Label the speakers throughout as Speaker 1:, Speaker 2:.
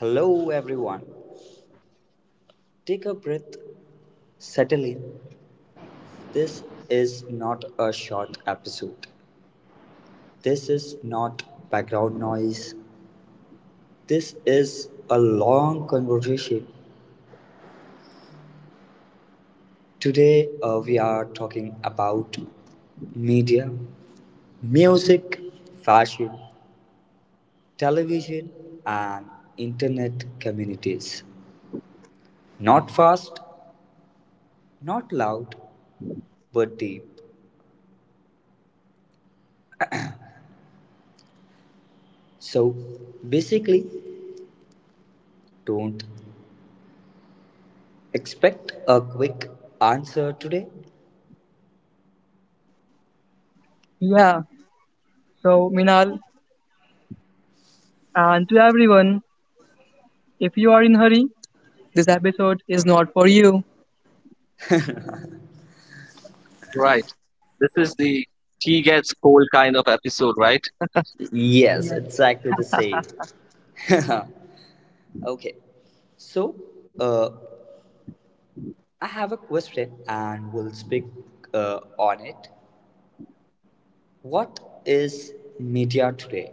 Speaker 1: Hello, everyone. Take a breath, settle in. This is not a short episode. This is not background noise. This is a long conversation. Today, we are talking about media, music, fashion, television, and internet communities. Not fast, not loud, but deep. So basically, don't expect a quick answer today?
Speaker 2: Yeah, so Minal, and to everyone, if you are in hurry, this episode is not for you.
Speaker 3: Right. This is the tea gets cold kind of episode, right?
Speaker 1: Yes,
Speaker 2: Yeah.
Speaker 1: exactly the same. Okay, so uh, I have a question and we'll speak on it. What is media today?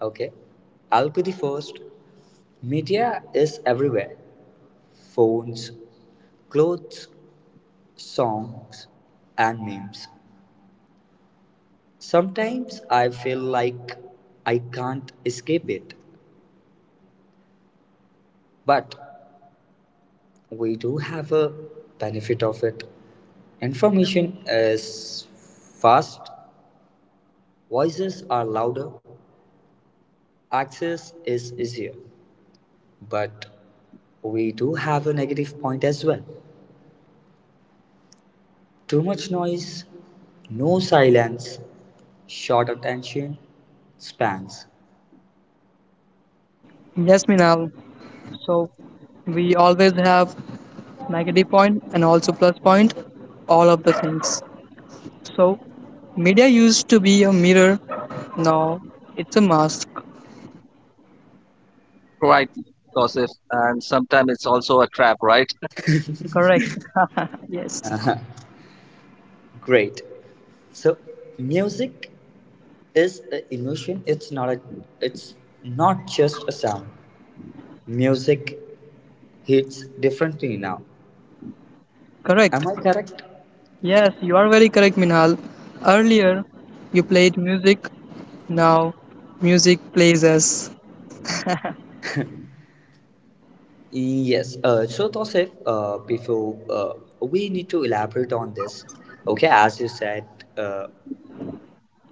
Speaker 1: Okay, I'll be the first. Media is everywhere, phones, clothes, songs, and memes. Sometimes I feel like I can't escape it, but we do have a benefit of it. Information is fast, voices are louder, access is easier, but we do have a negative point as well. Too much noise, no silence, short attention spans.
Speaker 2: Yes, Minal. So we always have negative point and also plus point, all of the things. So media used to be a mirror, now it's a mask.
Speaker 3: Right, Joseph. And sometimes it's also a trap, right?
Speaker 2: Correct. yes.
Speaker 1: Great. So, music is a emotion, it's not a, it's not just a sound, music hits differently now,
Speaker 2: Correct.
Speaker 1: am I correct?
Speaker 2: Yes, you are very correct, Minal. Earlier, you played music. Now, music plays us.
Speaker 1: Yes. So Tosif, before we need to elaborate on this. Okay, as you said, uh,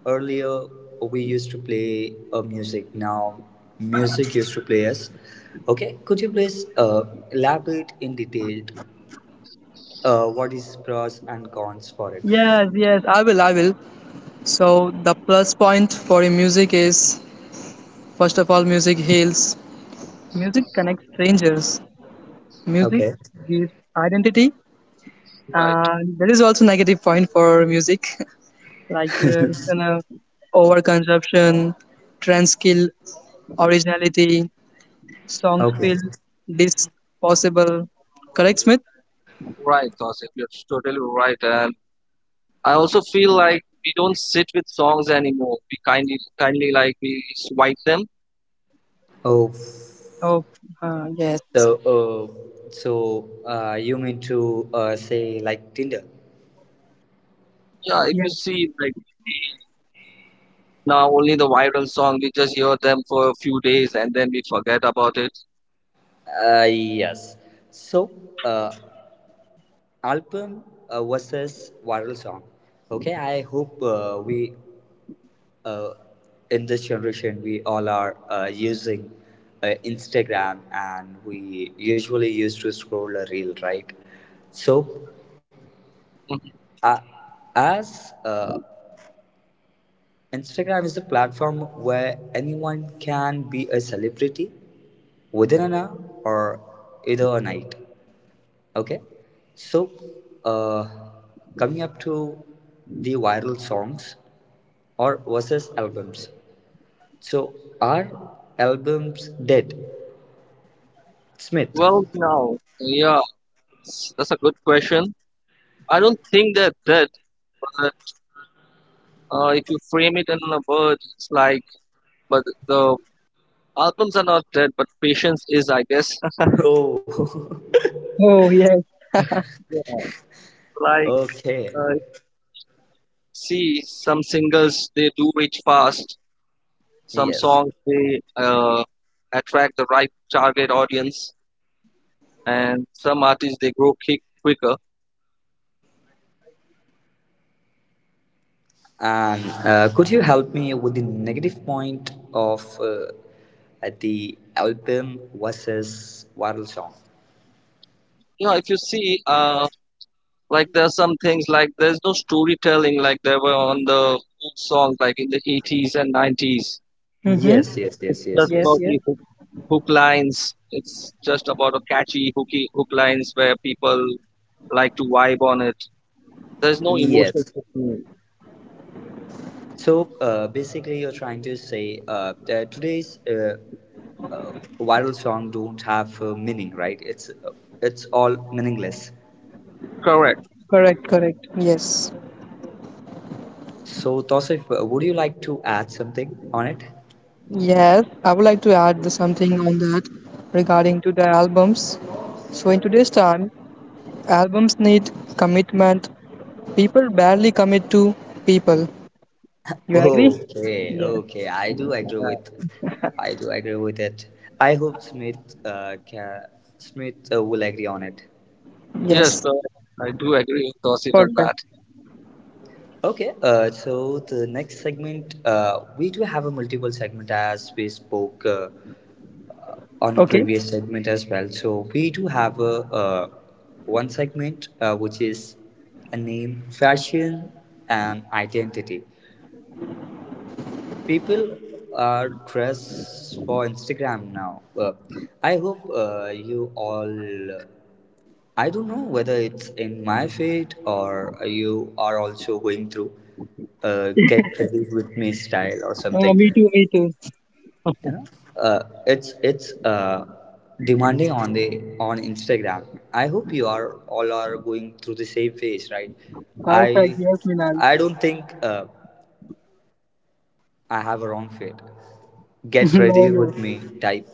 Speaker 1: earlier we used to play music, now music used to play us. Okay, could you please elaborate in detail what is pros and cons for it?
Speaker 2: Yes, I will. So the plus point for a music is, first of all, music heals. Music connects strangers. Music
Speaker 1: Okay.
Speaker 2: gives identity.
Speaker 3: Right,
Speaker 2: And there is also negative point for music, like it's an overconsumption, trends kill originality, songs
Speaker 1: Okay.
Speaker 2: feel this possible. Correct, Smith?
Speaker 3: right, Joseph. You're totally right. And I also feel like we don't sit with songs anymore. We kindly like we swipe them.
Speaker 1: Oh.
Speaker 2: Oh, yes,
Speaker 1: So, you mean to say like Tinder?
Speaker 3: Yeah, if you
Speaker 2: yes.
Speaker 3: see like now only the viral song, we just hear them for a few days and then we forget about it.
Speaker 1: Yes. So, uh, album versus viral song. Okay, I hope we, uh, in this generation we all are using Instagram and we usually used to scroll a reel, right? So,
Speaker 3: Mhm.
Speaker 1: uh, as Instagram is the platform where anyone can be a celebrity within an hour or either a night. Okay, so uh, coming up to the viral songs or versus albums. So are albums dead, Smith?
Speaker 3: Well, no. Yeah, that's a good question. I don't think they're dead. If you frame it in a word, it's like, but the albums are not dead, but patience is, I guess.
Speaker 1: Oh.
Speaker 2: Oh, yes.
Speaker 3: Yeah. Like,
Speaker 1: Okay.
Speaker 3: uh, see, some singles they do reach fast. Some
Speaker 1: Yes.
Speaker 3: songs they attract the right target audience, and some artists they grow kick quicker.
Speaker 1: And could you help me with the negative point of at the album versus viral song?
Speaker 3: Yeah, if you see, like there are some things like there's no storytelling like there were on the old songs like in the 80s and 90s.
Speaker 2: Mm-hmm.
Speaker 1: Yes, yes,
Speaker 3: It's
Speaker 1: yes, yes,
Speaker 3: just
Speaker 2: Yes,
Speaker 1: yes,
Speaker 3: about
Speaker 2: yes.
Speaker 3: the hook lines. It's just about a catchy hooky hook lines where people like to vibe on it. There's no emotional
Speaker 1: yes.
Speaker 3: hooking.
Speaker 1: So basically, you're trying to say that today's, uh, viral song don't have meaning, right? It's all meaningless.
Speaker 3: Correct.
Speaker 2: Correct, correct. Yes.
Speaker 1: So Tosif, would you like to add something on it?
Speaker 2: Yes, I would like to add the something on that regarding to the albums. So in today's time, albums need commitment. People barely commit to people. You agree?
Speaker 1: Okay,
Speaker 2: Yeah.
Speaker 1: okay. I do agree
Speaker 3: Yeah.
Speaker 1: with, I do agree with it. I hope Smith, can, Smith will agree on it.
Speaker 3: Yes,
Speaker 2: Yes.
Speaker 3: correct. I do agree with Tosif on that.
Speaker 2: Perfect.
Speaker 1: Okay, so the next segment, we do have a multiple segment as we spoke on a
Speaker 2: Okay.
Speaker 1: previous segment as well. So we do have a one segment which is a name, fashion, and identity. People are dressed for Instagram now. I hope you all. I don't know whether it's in my fate or you are also going through get ready with me style or something.
Speaker 2: Me too. Me too.
Speaker 1: You know, it's demanding on the, on Instagram. I hope you are all are going through the same phase, right?
Speaker 2: Perfect.
Speaker 1: I
Speaker 2: Yes, Minal.
Speaker 1: I don't think. I have a wrong fate. Get
Speaker 2: no,
Speaker 1: ready
Speaker 2: no.
Speaker 1: with me type.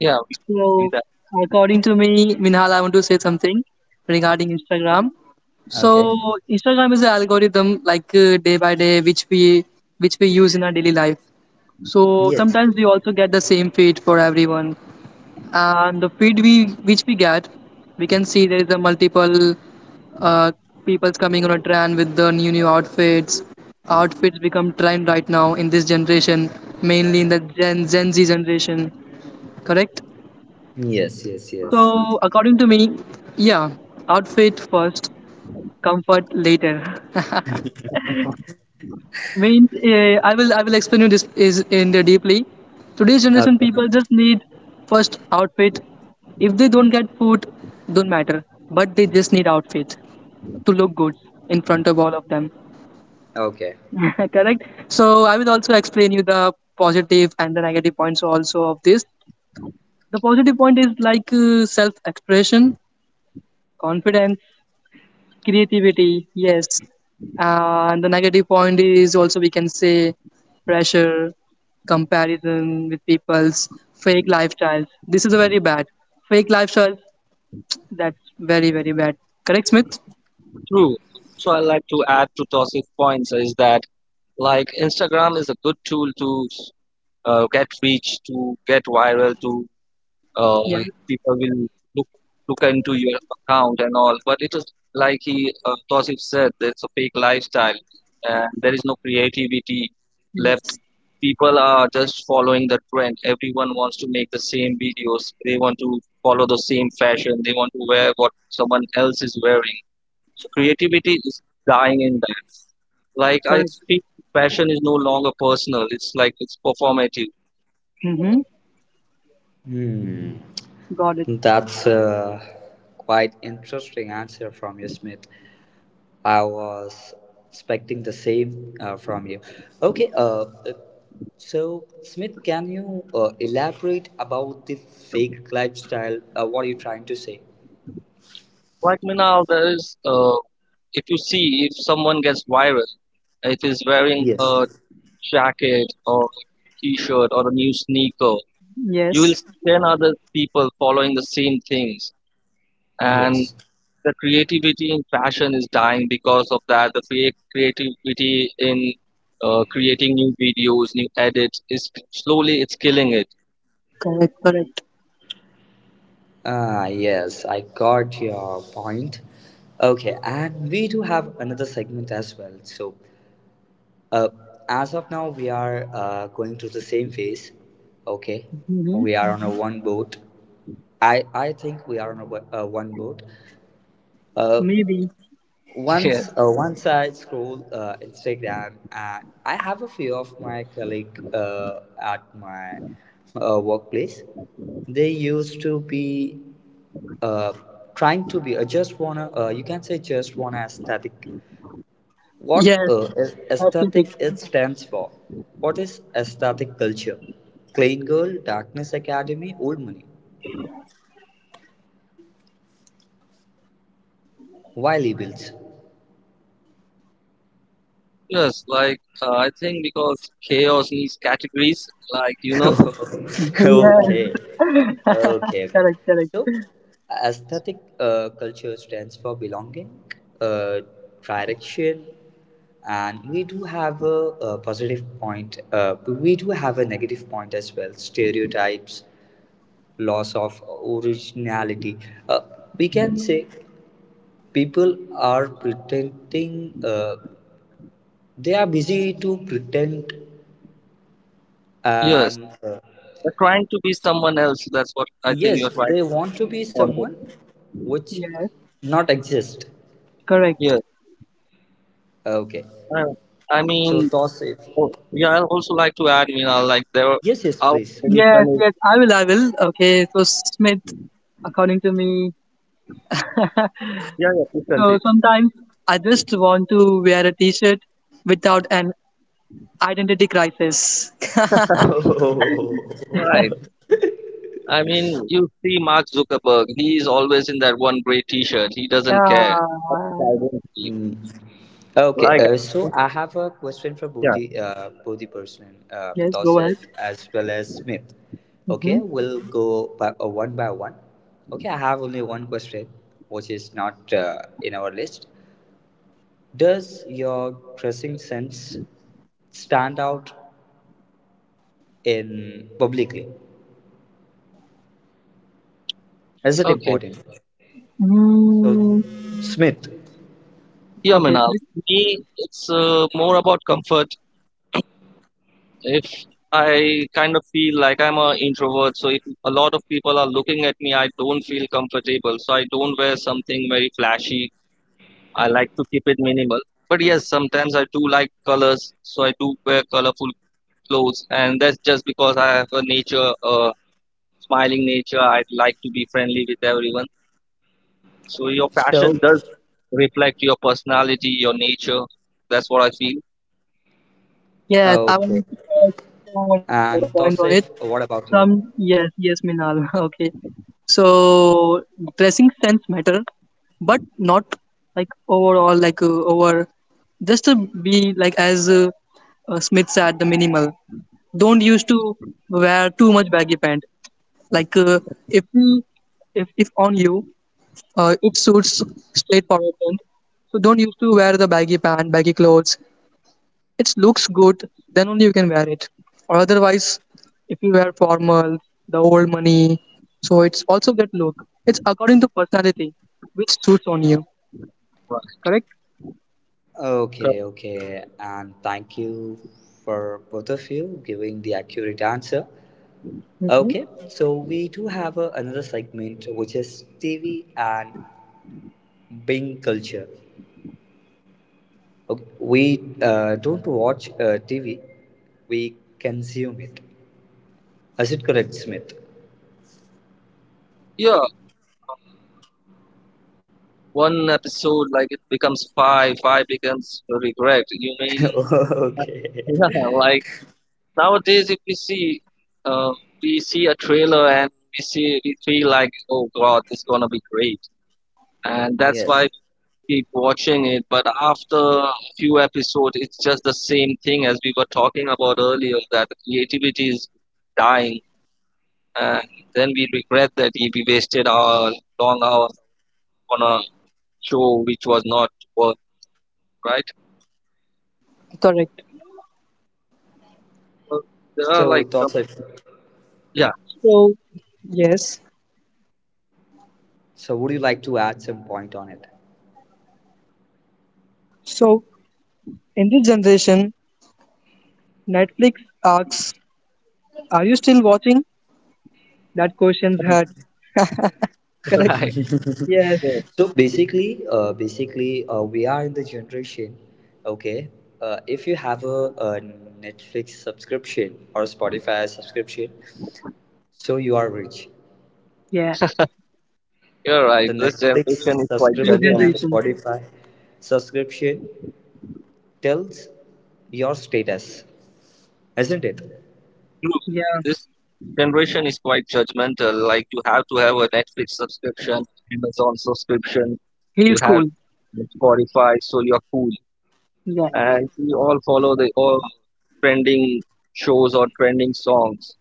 Speaker 3: Yeah, we
Speaker 2: So
Speaker 3: that
Speaker 2: according to me, Minhal, I want to say something regarding Instagram. So
Speaker 1: Okay.
Speaker 2: Instagram is an algorithm like day by day which we use in our daily life. So
Speaker 1: Yes.
Speaker 2: sometimes we also get the same feed for everyone. And the feed we which we get, we can see there is a multiple uh, people's coming on a trend with the new new outfits. Outfits become trend right now in this generation, mainly in the Gen Z generation. Correct?
Speaker 1: Yes. Yes. Yes.
Speaker 2: So according to me, yeah, outfit first, comfort later. Means I will explain you this is in the deeply today's generation
Speaker 1: Okay.
Speaker 2: people just need first outfit, if they don't get food, don't matter, but they just need outfit to look good in front of all of them.
Speaker 1: Okay.
Speaker 2: Correct, so I will also explain you the positive and the negative points also of this. The positive point is like self expression, confidence, creativity, yes. And the negative point is also we can say pressure, comparison with people's fake lifestyles. This is a very bad. Fake lifestyle, that's very, very bad. Correct, Smith?
Speaker 3: true. So I like to add to Tosif's points is that like Instagram is a good tool to get reach, to get viral, to uh,
Speaker 2: Yeah,
Speaker 3: people will look look into your account and all. But it is like he Tosif said, there's a fake lifestyle, and there is no creativity left.
Speaker 2: yes,
Speaker 3: People are just following the trend. Everyone wants to make the same videos. They want to follow the same fashion. They want to wear what someone else is wearing. So creativity is dying in that. Like I
Speaker 2: correct.
Speaker 3: think fashion is no longer personal. It's like it's performative.
Speaker 2: Mm-hmm.
Speaker 1: Hmm.
Speaker 2: Got it.
Speaker 1: That's a quite interesting answer from you, Smith. I was expecting the same from you. Okay, so Smith, can you elaborate about the fake lifestyle? What are you trying to say?
Speaker 3: Right now, there is, if you see, if someone gets viral, it is wearing a
Speaker 1: Yes.
Speaker 3: jacket or a t-shirt or a new sneaker, you will
Speaker 2: Yes.
Speaker 3: see 10 other people following the same things. And
Speaker 1: Yes.
Speaker 3: the creativity in fashion is dying because of that. The creativity in creating new videos, new edits is slowly it's killing it.
Speaker 2: Correct. Correct.
Speaker 1: Ah, yes, I got your point. Okay, and we do have another segment as well. So, uh, as of now, we are going through the same phase. Okay,
Speaker 2: Mm-hmm.
Speaker 1: we are on a one boat. I think we are on a, one boat. Uh,
Speaker 2: Maybe.
Speaker 1: once once I scroll Instagram and I have a few of my colleague at my workplace. They used to be uh, trying to be just wanna, you can say just wanna aesthetic. What
Speaker 2: Yes.
Speaker 1: is
Speaker 2: Aesthetic.
Speaker 1: aesthetic it stands for? What is aesthetic culture? Clean girl, darkness academy, old money. Why labels?
Speaker 3: Yes, yes. Like I think because chaos needs categories. Like
Speaker 1: okay
Speaker 2: yes.
Speaker 3: know,
Speaker 1: okay.
Speaker 2: Correct, correct.
Speaker 1: So aesthetic culture stands for belonging, uh, direction, and we do have a positive point, but we do have a negative point as well, stereotypes, loss of originality, uh, we can say people are pretending, they are busy to pretend,
Speaker 3: yes.
Speaker 1: and
Speaker 3: You're trying to be someone else. That's what I think
Speaker 1: yes,
Speaker 3: you're trying
Speaker 1: they
Speaker 3: to
Speaker 1: want to be someone
Speaker 3: convey.
Speaker 1: which
Speaker 2: Yes.
Speaker 1: not exist.
Speaker 2: Correct.
Speaker 3: Yeah.
Speaker 1: Okay.
Speaker 3: I, I
Speaker 1: So
Speaker 3: mean,
Speaker 1: toss if
Speaker 3: oh, yeah. I also like to add, like
Speaker 1: yes, yes,
Speaker 3: our
Speaker 1: please.
Speaker 2: Yes,
Speaker 3: definition is
Speaker 2: yes, I will, I will. Okay, so Smith, according to me,
Speaker 3: yeah, yeah, please
Speaker 2: so
Speaker 3: continue.
Speaker 2: sometimes I just want to wear a t-shirt without an identity crisis.
Speaker 3: Right. I mean, you see Mark Zuckerberg. He is always in that one gray T-shirt. He
Speaker 2: Uh,
Speaker 3: doesn't care. That's his identity.
Speaker 1: Mm. Okay,
Speaker 3: Like,
Speaker 1: so I have a question for both
Speaker 3: yeah.
Speaker 1: the, both the person,
Speaker 2: yes, go ahead.
Speaker 1: Tosif as well as Smith. Okay,
Speaker 2: Mm-hmm.
Speaker 1: we'll go by, one by one. Okay, I have only one question, which is not in our list. Does your dressing sense stand out in publicly? Is it
Speaker 3: Okay.
Speaker 1: important? So
Speaker 2: Mm,
Speaker 1: Smith.
Speaker 3: Yeah,
Speaker 2: okay,
Speaker 3: Manal.
Speaker 2: Smith.
Speaker 3: Me, it's more about comfort. If I kind of feel like I'm an introvert, so if a lot of people are looking at me, I don't feel comfortable. So I don't wear something very flashy. I like to keep it minimal. But yes, sometimes I do like colors, so I do wear colorful clothes, and that's just because I have a nature, a smiling nature. I like to be friendly with everyone. So your
Speaker 1: So
Speaker 3: fashion does reflect your personality, your nature. That's what I feel.
Speaker 2: Yes, I
Speaker 1: okay.
Speaker 2: want to also want to add a point
Speaker 1: And
Speaker 2: on it.
Speaker 1: Tosif, what about
Speaker 2: Some
Speaker 1: you?
Speaker 2: yes, yes, Minal. Okay. So dressing sense matter, but not like overall, like over, just to be like as Smith said, the minimal. Don't used to wear too much baggy pant. Like if we, if on you, it suits straightforward pant. So don't used to wear the baggy pant, baggy clothes, it looks good, then only you can wear it. Or otherwise, if you wear formal, the old money, so it's also that look. It's according to personality, which suits on you.
Speaker 3: Right.
Speaker 2: Correct?
Speaker 1: Okay, okay. And thank you for both of you giving the accurate answer. Okay,
Speaker 2: Hmm.
Speaker 1: so we do have a, another segment which is TV and Bing culture. Okay, we don't watch TV, we consume it. Is it correct, Smith?
Speaker 3: Yeah, one episode like it becomes five, five becomes regret, you mean?
Speaker 1: Okay.
Speaker 3: Yeah, like nowadays if we see, uh, we see a trailer and we feel like, oh god, this is gonna be great, and that's why we
Speaker 1: Yes.
Speaker 3: keep watching it, but after a few episodes, it's just the same thing as we were talking about earlier, that the creativity is dying, and then we regret that we wasted our long hours on a show which was not worth. Right.
Speaker 2: Correct.
Speaker 3: Well, there are like
Speaker 1: So,
Speaker 3: some.
Speaker 1: Tausif,
Speaker 3: Yeah,
Speaker 2: So, yes.
Speaker 1: so would you like to add some point on it?
Speaker 2: So, in this generation, Netflix asks, "Are you still watching?" That question's hurt. Correct?
Speaker 3: right.
Speaker 2: Yes.
Speaker 3: Yeah.
Speaker 1: So basically, we are in the generation. Okay, if you have a Netflix subscription or Spotify subscription, so you are rich.
Speaker 2: Yeah.
Speaker 3: You're right.
Speaker 1: The
Speaker 3: This
Speaker 1: Netflix
Speaker 3: generation is quite
Speaker 2: This is
Speaker 1: subscription and
Speaker 3: judgmental.
Speaker 2: generation.
Speaker 1: Spotify subscription tells your status, isn't it?
Speaker 3: True.
Speaker 2: Yeah.
Speaker 3: This generation is quite judgmental. Like you have to have a Netflix subscription, Amazon subscription.
Speaker 2: He
Speaker 3: You
Speaker 2: is
Speaker 3: have
Speaker 2: cool.
Speaker 3: Spotify, so you're cool.
Speaker 2: Yeah.
Speaker 3: And we all follow the all trending shows or trending songs.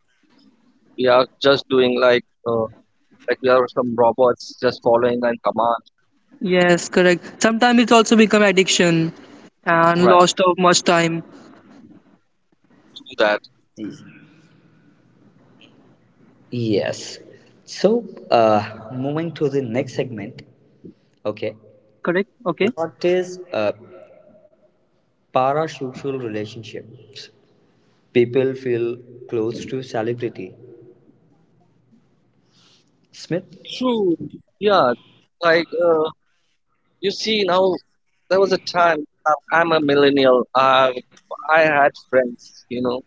Speaker 3: We are just doing like, like we are some robots just following and command.
Speaker 2: Yes, correct. Sometimes it's also become addiction and
Speaker 3: Right.
Speaker 2: lost of much time.
Speaker 3: Do that.
Speaker 1: Mm. Yes. So, moving to the next segment. Okay.
Speaker 2: Correct? Okay.
Speaker 1: What is a parasocial relationship? People feel close to celebrity. Smith?
Speaker 3: True. Yeah. Like you see now. There was a time, I'm a millennial. I had friends,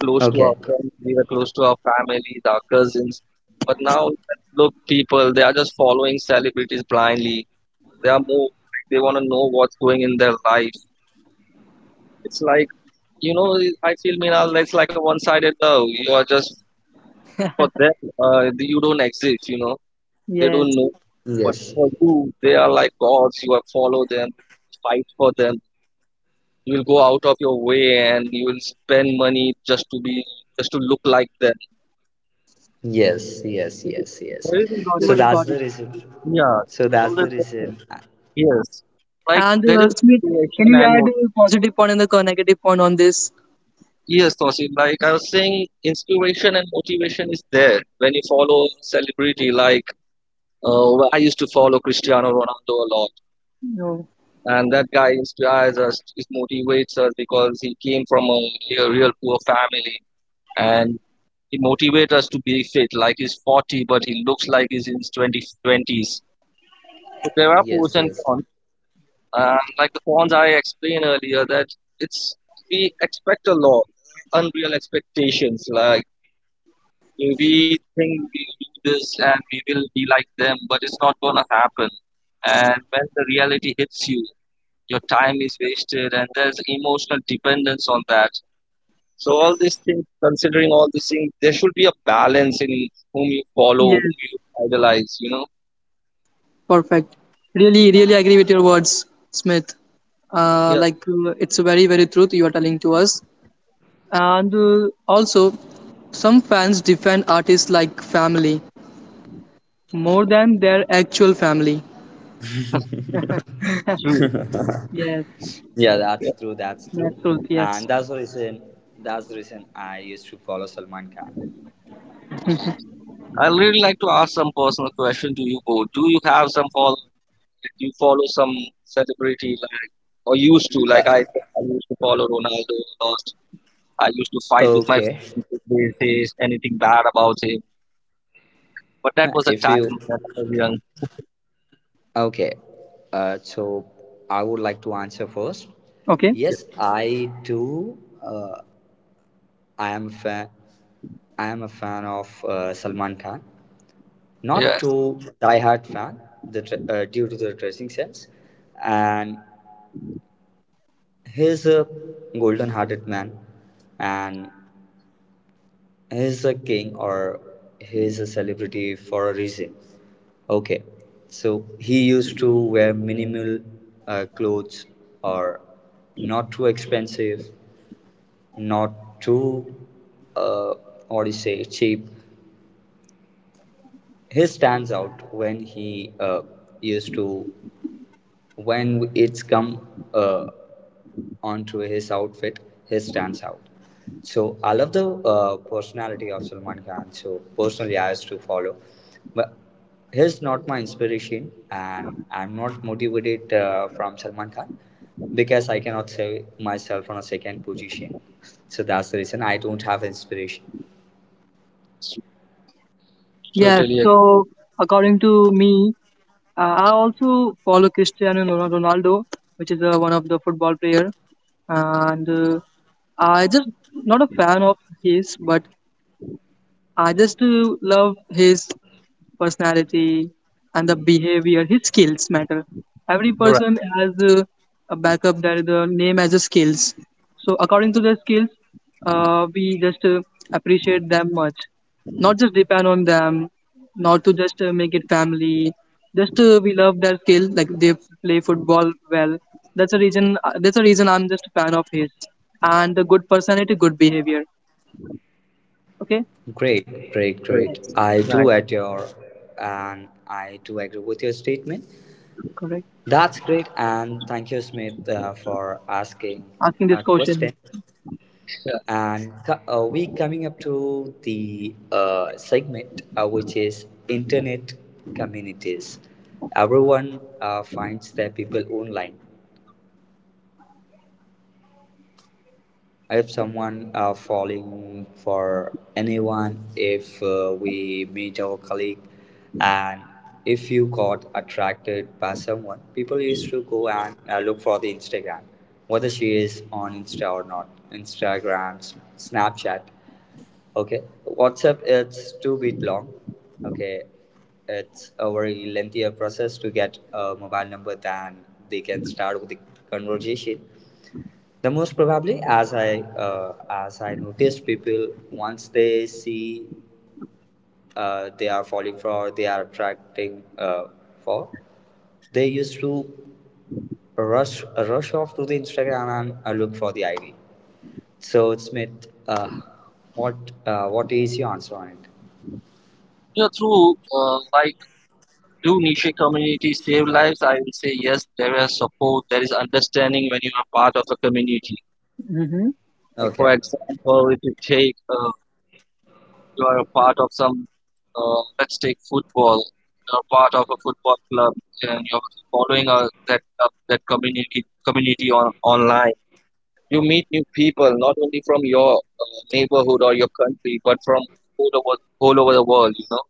Speaker 3: close to our
Speaker 1: Okay.
Speaker 3: friends. We were close to our families, our cousins. But now, look, people, they are just following celebrities blindly. They are more, like, they want to know what's going in their life. It's like, you know, I feel, Minal, it's like a one-sided love. You are just, for them, you don't exist. They
Speaker 2: Yes.
Speaker 3: don't know. But
Speaker 1: Yes.
Speaker 3: for you, they are like gods. You have follow them, fight for them, you will go out of your way and you will spend money just to look like them.
Speaker 1: Yes, yes, yes, yes.
Speaker 3: There is
Speaker 2: Got it.
Speaker 1: So
Speaker 3: influence.
Speaker 1: that's
Speaker 2: Got
Speaker 1: the
Speaker 2: it.
Speaker 1: reason.
Speaker 3: Yeah,
Speaker 1: So
Speaker 3: from
Speaker 1: that's
Speaker 3: the
Speaker 1: the
Speaker 3: person.
Speaker 1: reason.
Speaker 3: Yes, like
Speaker 2: And
Speaker 3: there is
Speaker 2: Smith,
Speaker 3: inspiration
Speaker 2: can you
Speaker 3: and
Speaker 2: add
Speaker 3: motivation.
Speaker 2: a positive point and the negative point on this?
Speaker 3: Yes, Tosi, like I was saying, inspiration and motivation is there when you follow celebrity. Like I used to follow Cristiano Ronaldo a lot,
Speaker 2: No.
Speaker 3: and that guy inspires us. It motivates us because he came from a real, real poor family. And he motivates us to be fit, like he's 40, but he looks like he's in his 20s. So there are pros
Speaker 1: Yes,
Speaker 3: and
Speaker 1: yes.
Speaker 3: cons. And like the cons I explained earlier, that it's we expect a lot, unreal expectations. Like we think we do this and we will be like them, but it's not gonna happen. And when the reality hits you, your time is wasted, and there's emotional dependence on that. So all these things, considering all these things, there should be a balance in whom you follow,
Speaker 2: Yes.
Speaker 3: whom you idolize. You know.
Speaker 2: Perfect. Really, really agree with your words, Smith.
Speaker 3: Yeah,
Speaker 2: Like it's a very, very truth you are telling to us. And also, some fans defend artists like family more than their actual family.
Speaker 3: true.
Speaker 2: Yes,
Speaker 1: Yeah,
Speaker 3: Yeah.
Speaker 1: that's true, that's
Speaker 2: that's
Speaker 1: true.
Speaker 2: truth. Yes.
Speaker 1: And that's the reason, that's the reason I used to follow Salman Khan.
Speaker 3: I really like to ask some personal question to you, Bo. Do you have some follow? Like, do you follow some celebrity, like, or used to? Like I used to follow Ronaldo a lot. I used to fight with my
Speaker 1: Okay.
Speaker 3: friends if they say anything bad about him. But that
Speaker 1: Now,
Speaker 3: was a
Speaker 1: if
Speaker 3: time
Speaker 1: you,
Speaker 3: that I was young.
Speaker 1: okay, so I would like to answer first.
Speaker 2: Okay.
Speaker 3: Yeah.
Speaker 1: Yes, I do. I am a fan. I am a fan of Salman Khan. Not
Speaker 3: Yes.
Speaker 1: too diehard fan, due to the dressing sense, and he's a golden-hearted man, and he's a king or he's a celebrity for a reason. Okay, so he used to wear minimal clothes or not too expensive, not too, uh, what do you say, cheap. He stands out when he used to, when it's come uh, onto his outfit, he stands out. So I love the personality of Salman Khan. So personally, I used to follow, but he's not my inspiration, and I'm not motivated from Salman Khan because I cannot say myself on a second position. So that's the reason I don't have inspiration.
Speaker 2: Yes.
Speaker 3: Totally agree.
Speaker 2: So according to me, I also follow Cristiano Ronaldo, which is one of the football player, and I just not a fan of his, but I just love his personality, and the behavior, his skills matter. Every
Speaker 3: Right.
Speaker 2: person has a backup that the name as a skills. So according to their skills, we just appreciate them much. Not just depend on them, not to just make it family. Just we love their skill, like they play football well. That's a reason. That's a reason I'm just a fan of his and the good personality, good behavior. Okay,
Speaker 1: Great, great,
Speaker 3: Right.
Speaker 1: great.
Speaker 2: nice,
Speaker 1: I do
Speaker 3: Right.
Speaker 1: adore and I do agree with your statement.
Speaker 2: correct.
Speaker 1: That's great, and thank you, Smith, for asking
Speaker 2: Asking this
Speaker 1: a question.
Speaker 2: question.
Speaker 3: Yeah.
Speaker 1: And we coming up to the segment which is internet communities. Everyone finds their people online. If someone are falling for anyone, if we meet our colleague, and if you got attracted by someone, people used to go and look for the Instagram, whether she is on Insta or not. Instagram, Snapchat, okay, WhatsApp, it's two bit long, okay. It's a very lengthier process to get a mobile number than they can start with the conversation, the most probably, as I, as I noticed, people once they see they are falling for, they are attracting for, they used to rush off to the Instagram and look for the ID. So Smith, what what is your answer on it?
Speaker 3: Yeah. True. Do niche communities save lives? I will say yes. There is support, there is understanding when you are part of the community.
Speaker 2: Hmm.
Speaker 3: Like for
Speaker 1: Okay.
Speaker 3: example, if you take you are a part of some, let's take football. You are part of a football club and you're following that club, that community on online. You meet new people not only from your neighborhood or your country, but from all over the world. You know,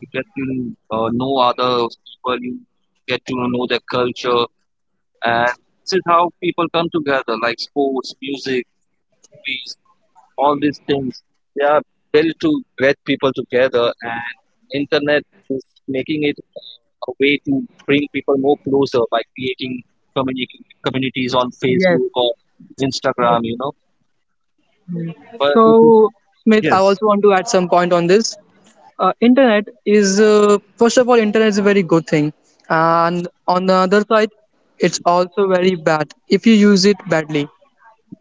Speaker 3: you get to know other people. You get to know their culture. And this is how people come together, like sports, music, movies, all these things. They are built to get people together, and internet is making it a way to bring people more closer by creating community communities on
Speaker 2: Yes.
Speaker 3: Facebook or Instagram. But
Speaker 2: So, Smith, I
Speaker 3: yes,
Speaker 2: also want to add some point on this. Internet is first of all, internet is a very good thing, and on the other side, it's also very bad if you use it badly.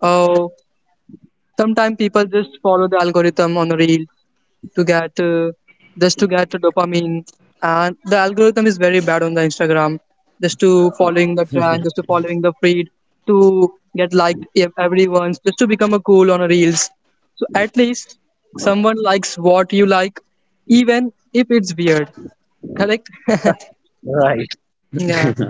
Speaker 2: Uh, sometimes people just follow the algorithm on a reel to get just to get the dopamine. And the algorithm is very bad on the Instagram. Just to following the trend, just to following the feed, to get liked if everyone's, just to become a cool on a reels. So at least someone likes what you like, even if it's weird. Correct?
Speaker 3: right.
Speaker 2: Yeah.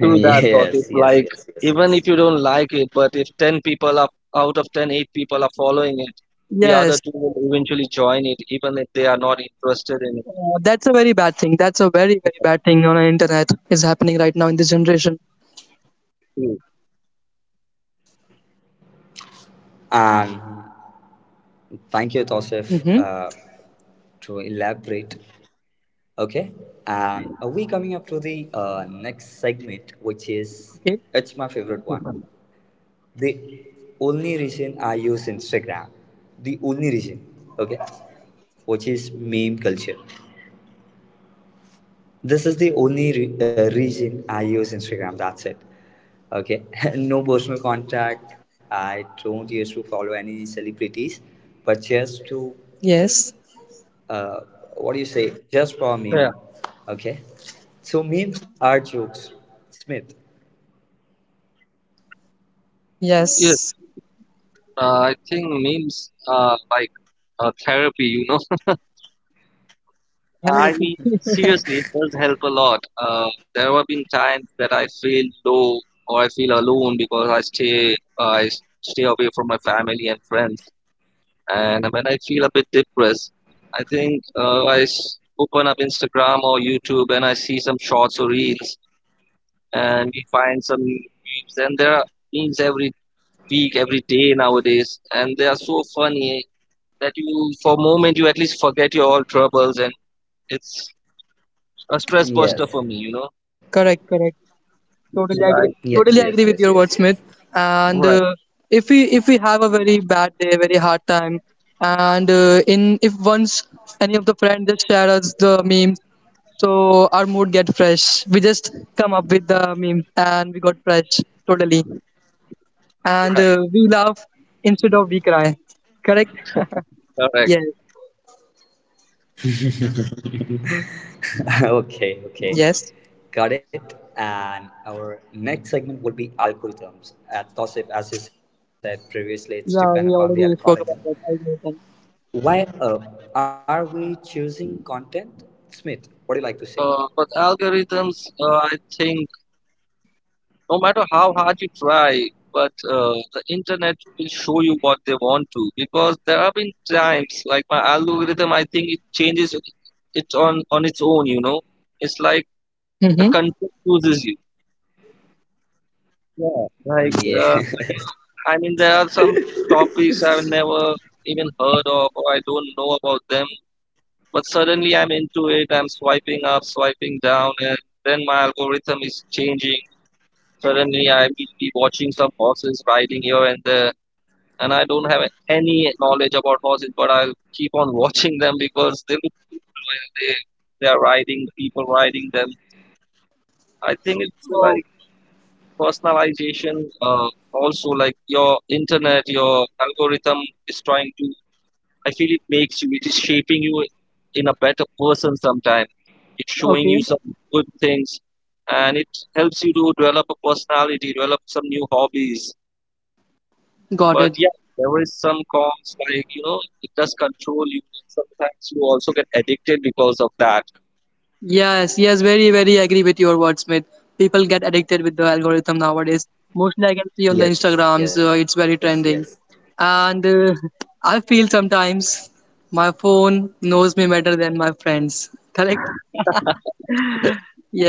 Speaker 3: Through that,
Speaker 1: yes,
Speaker 3: Taufik.
Speaker 1: yes,
Speaker 3: Like,
Speaker 1: yes, yes.
Speaker 3: even if you don't like it, but if 10 people are out of 10, 8 people are following it, the other
Speaker 2: Yes,
Speaker 3: two will eventually join it, even if they are not interested in
Speaker 2: uh, that's a very bad thing. That's a very, very
Speaker 3: it.
Speaker 2: bad thing on the internet is happening right now in this generation.
Speaker 3: Yeah,
Speaker 1: And thank you, Tosif,
Speaker 2: Mm-hmm.
Speaker 1: to elaborate. Okay, and are we coming up to the next segment, which is,
Speaker 2: Okay.
Speaker 1: it's my favorite one. The only reason I use Instagram, the only reason, okay, which is meme culture. This is the only reason I use Instagram. That's it. Okay. No personal contact. I don't used to follow any celebrities, but just to,
Speaker 2: Yes.
Speaker 1: uh, what do you say? Just for a
Speaker 3: yeah.
Speaker 1: meme. Okay. So memes are jokes. Smith.
Speaker 3: Yes,
Speaker 2: Yes.
Speaker 3: I think memes are like a therapy.
Speaker 2: Have
Speaker 3: I mean,
Speaker 2: a-
Speaker 3: seriously, it does help a lot. There have been times that I feel low or I feel alone because I stay away from my family and friends. And when I feel a bit depressed, I think open up Instagram or YouTube and I see some shorts or reels, and we find some memes. And there are memes every week, every day nowadays, and they are so funny that you, for a moment, you at least forget your all troubles, and it's a stress buster for
Speaker 1: Yes.
Speaker 3: me.
Speaker 2: Correct. Correct. Totally
Speaker 3: Right,
Speaker 2: agree.
Speaker 1: Yes,
Speaker 2: Totally
Speaker 1: yes,
Speaker 2: agree with
Speaker 1: yes,
Speaker 2: your
Speaker 1: yes,
Speaker 2: words, Smith.
Speaker 1: yes.
Speaker 2: And
Speaker 3: right,
Speaker 2: if we have a very bad day, very hard time, and in if once any of the friends just share us the memes, so our mood get fresh. We just come up with the meme and we got fresh totally. And
Speaker 3: right,
Speaker 2: we laugh instead of we cry. Correct?
Speaker 3: correct.
Speaker 2: yes.
Speaker 1: Okay, okay.
Speaker 2: Yes.
Speaker 1: Got it. And our next segment will be algorithms. Tosif, as you said previously, it's depend upon
Speaker 2: Yeah,
Speaker 1: the
Speaker 2: we already
Speaker 1: algorithm.
Speaker 2: spoke about that. I know that.
Speaker 1: Why are we choosing content? Smith, what do you like to say?
Speaker 3: But algorithms, I think no matter how hard you try, but the internet will show you what they want to, because there have been times like my algorithm, I think it changes it on its own, it's like the
Speaker 2: Mm-hmm.
Speaker 3: content chooses you. Yeah, like
Speaker 1: Yes.
Speaker 3: I mean, there are some topics I've never even heard of, or I don't know about them, but suddenly I'm into it, I'm swiping up, swiping down, and then my algorithm is changing. Suddenly I will be watching some horses riding here and there, and I don't have any knowledge about horses, but I keep on watching them because they look cool when they are riding, people riding them. I think it's
Speaker 2: Oh,
Speaker 3: like personalization. Uh, Also, like your internet, your algorithm is trying to. I feel it makes you. It is shaping you in a better person. Sometimes it's showing
Speaker 2: okay.
Speaker 3: you some good things, and it helps you to develop a personality, develop some new hobbies.
Speaker 2: Got
Speaker 3: But
Speaker 2: it.
Speaker 3: yeah, there is some cons like it does control you. Sometimes you also get addicted because of that.
Speaker 2: Yes, yes, very, very agree with your words, Smith. People get addicted with the algorithm nowadays. Mostly, I can see on the
Speaker 1: Yes,
Speaker 2: Instagrams,
Speaker 1: yes,
Speaker 2: it's
Speaker 1: yes.
Speaker 2: very trending. And I feel sometimes my phone knows me better than my friends. Correct?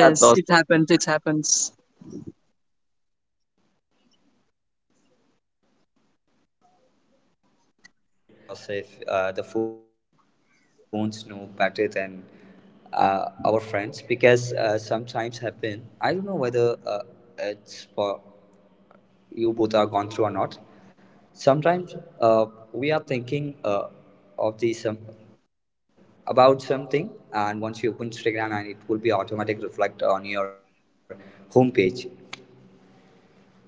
Speaker 3: That
Speaker 2: it
Speaker 3: gossip,
Speaker 2: happens. It happens.
Speaker 1: Yes. Yeah, it's sometimes it's feel, as you said, Tosif, the phones know better than our friends because sometimes happen. I don't know whether it's for you both are gone through or not. Sometimes we are thinking of the some about something, and once you open Instagram, and it will be automatic reflect on your homepage. So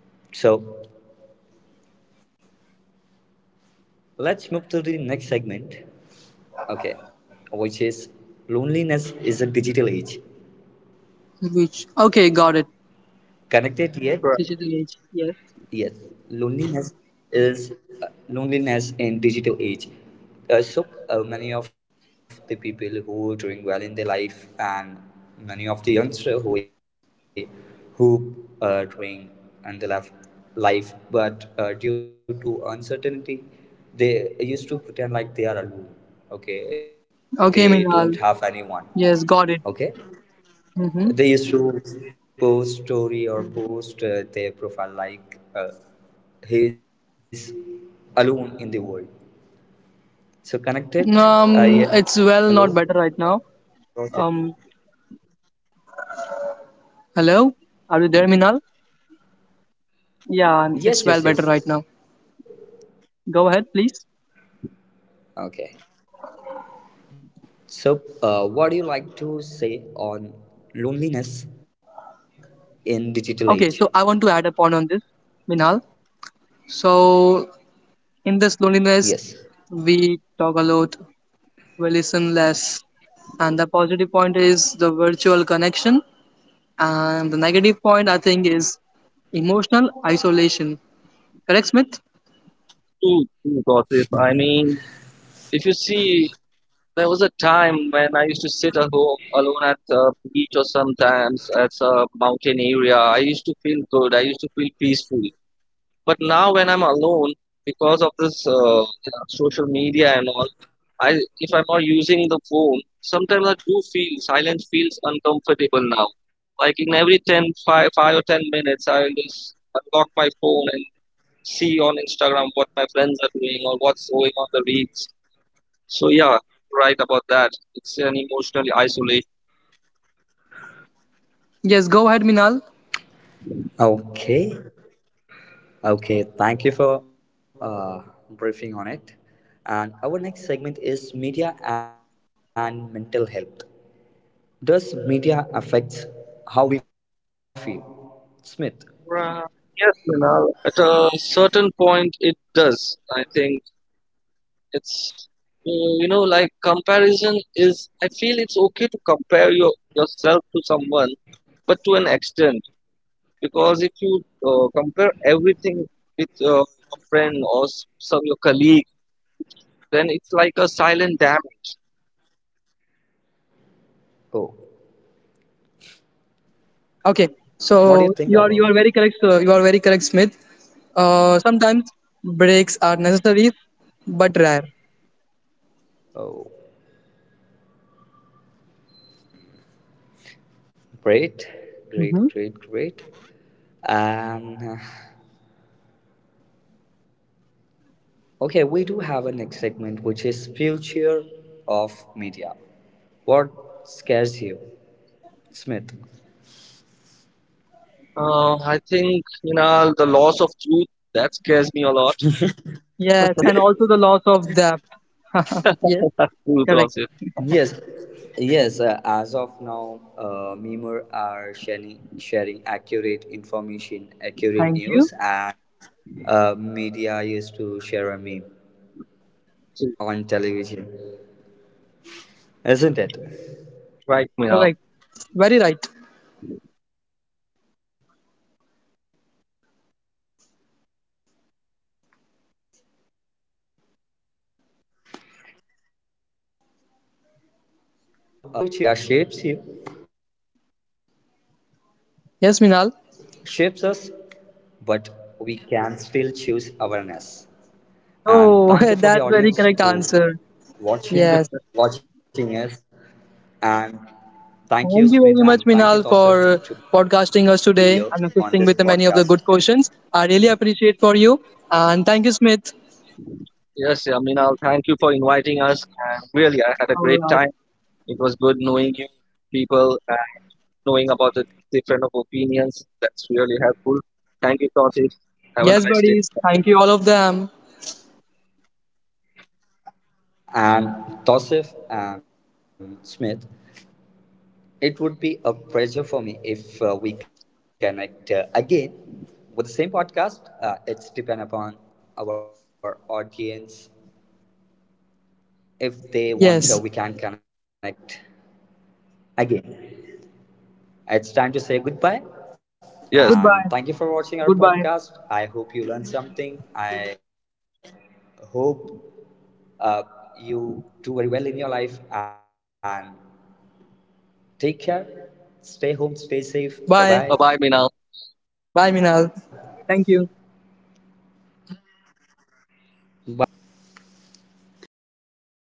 Speaker 1: let's move to the next segment. Okay, which is loneliness is a digital age.
Speaker 2: Which? Okay, got it.
Speaker 1: Connected yet?
Speaker 3: correct.
Speaker 2: Digital age.
Speaker 1: Yes.
Speaker 2: Yes.
Speaker 1: Loneliness is, loneliness in digital age. So many of the people who are doing well in their life and many of the youngster who are doing in the life, but due to uncertainty, they used to pretend like they are alone. Okay, they don't have
Speaker 2: Okay,
Speaker 1: anyone,
Speaker 2: Minal.
Speaker 1: okay.
Speaker 2: Yes, got it.
Speaker 1: They used to
Speaker 2: Mm-hmm.
Speaker 1: post story or post their profile like he is alone in the world. So connected yet alone.
Speaker 2: It's well not better
Speaker 1: Process.
Speaker 2: right now. Um, hello. Are you there, Minal?
Speaker 1: Yes, yes,
Speaker 2: Yeah,
Speaker 1: yes.
Speaker 2: it's well better right now. Go ahead, please.
Speaker 1: Okay. So, what do you like to say on loneliness in digital age?
Speaker 2: Okay, so I want to add a point on this, Minal. So
Speaker 1: Yes.
Speaker 2: in this loneliness, we talk a lot, we listen less, and the positive point is the virtual connection, and the negative point I think is emotional isolation. Correct, Smith?
Speaker 3: True, true gossip. I mean, if you see, there was a time when I used to sit at home alone at the beach or sometimes at a mountain area. I used to feel good. I used to feel peaceful. But now when I'm alone because of this, social media and all. I if I'm not using the phone, sometimes I do feel silence feels uncomfortable now. Like in every 10 5, 5 or 10 minutes, I will just unlock my phone and see on Instagram what my friends are doing or what's going on the reels. So yeah, right about that. It's an emotional isolation.
Speaker 2: Yes. Go ahead, Minal.
Speaker 1: Okay. Okay, thank you for briefing on it. And our next segment is media and mental health. Does media affect how we feel? Smith,
Speaker 3: Right. Yes, Minal. At a certain point, it does. I think it's like comparison is. I feel it's okay to compare yourself to someone, but to an extent, because if you compare everything with your friend or some your colleague, then it's like a silent damage.
Speaker 1: oh,
Speaker 2: Okay, so
Speaker 1: what do you think
Speaker 2: you are
Speaker 1: about?
Speaker 2: you are very correct. You are very correct, Smith. Sometimes breaks are necessary but rare.
Speaker 1: Oh, great, great, great, great. And okay, we do have a next segment which is future of media. What scares you, Smith?
Speaker 3: I think the loss of truth, that scares me a lot.
Speaker 2: Yes, and also the loss of depth. Yes,
Speaker 3: Truth,
Speaker 2: correct.
Speaker 3: Rosif.
Speaker 1: Yes, yes. As of now, Memor are sharing accurate information, accurate
Speaker 2: Thank
Speaker 1: news,
Speaker 2: you.
Speaker 1: and media used to share a meme
Speaker 3: Truth.
Speaker 1: on television, isn't it?
Speaker 3: Right, Minal.
Speaker 2: Correct. Very right.
Speaker 1: Okay, so we are about to end this podcast. If you reach here, respect. Media shapes you, shapes us,
Speaker 2: Yes,
Speaker 1: but
Speaker 2: Minal.
Speaker 1: we can still choose awareness. And thank you for the audience who
Speaker 2: Oh, that's very
Speaker 1: watching
Speaker 2: correct answer.
Speaker 1: watching us,
Speaker 2: Yes.
Speaker 1: and thank you Smith and thank you
Speaker 2: Thank
Speaker 1: Tosif
Speaker 2: you very
Speaker 1: to
Speaker 2: much,
Speaker 1: be here
Speaker 2: Minal,
Speaker 1: on
Speaker 2: for
Speaker 1: this podcast.
Speaker 2: podcasting us today and assisting with the many of the good questions. I really appreciate for you. And thank you, Smith.
Speaker 3: Yes. Yeah, Minal, thank you for inviting us, and really I had a
Speaker 2: All
Speaker 3: great
Speaker 2: right.
Speaker 3: time. It was good knowing you people and knowing about the different of opinions. That's really helpful. Thank you, Tosif. Have a
Speaker 2: Yes,
Speaker 3: nice day.
Speaker 2: buddies. Thank you, all of them.
Speaker 1: And Tosif and Smith, it would be a pleasure for me if we connect again with the same podcast. It's depend upon our audience. If they want, we can connect
Speaker 2: Yes.
Speaker 1: again. It's time to say goodbye. And thank you for watching our podcast.
Speaker 3: Yes.
Speaker 1: I
Speaker 2: Goodbye.
Speaker 1: hope you learned
Speaker 2: Goodbye.
Speaker 1: something. I hope uh, you do very well in your life. And take care. Stay home. Stay safe. Bye-bye.
Speaker 2: Bye.
Speaker 3: Bye bye, Minal.
Speaker 2: Bye, Minal.
Speaker 1: Bye.
Speaker 2: Thank you.
Speaker 1: Bye bye. Thank you.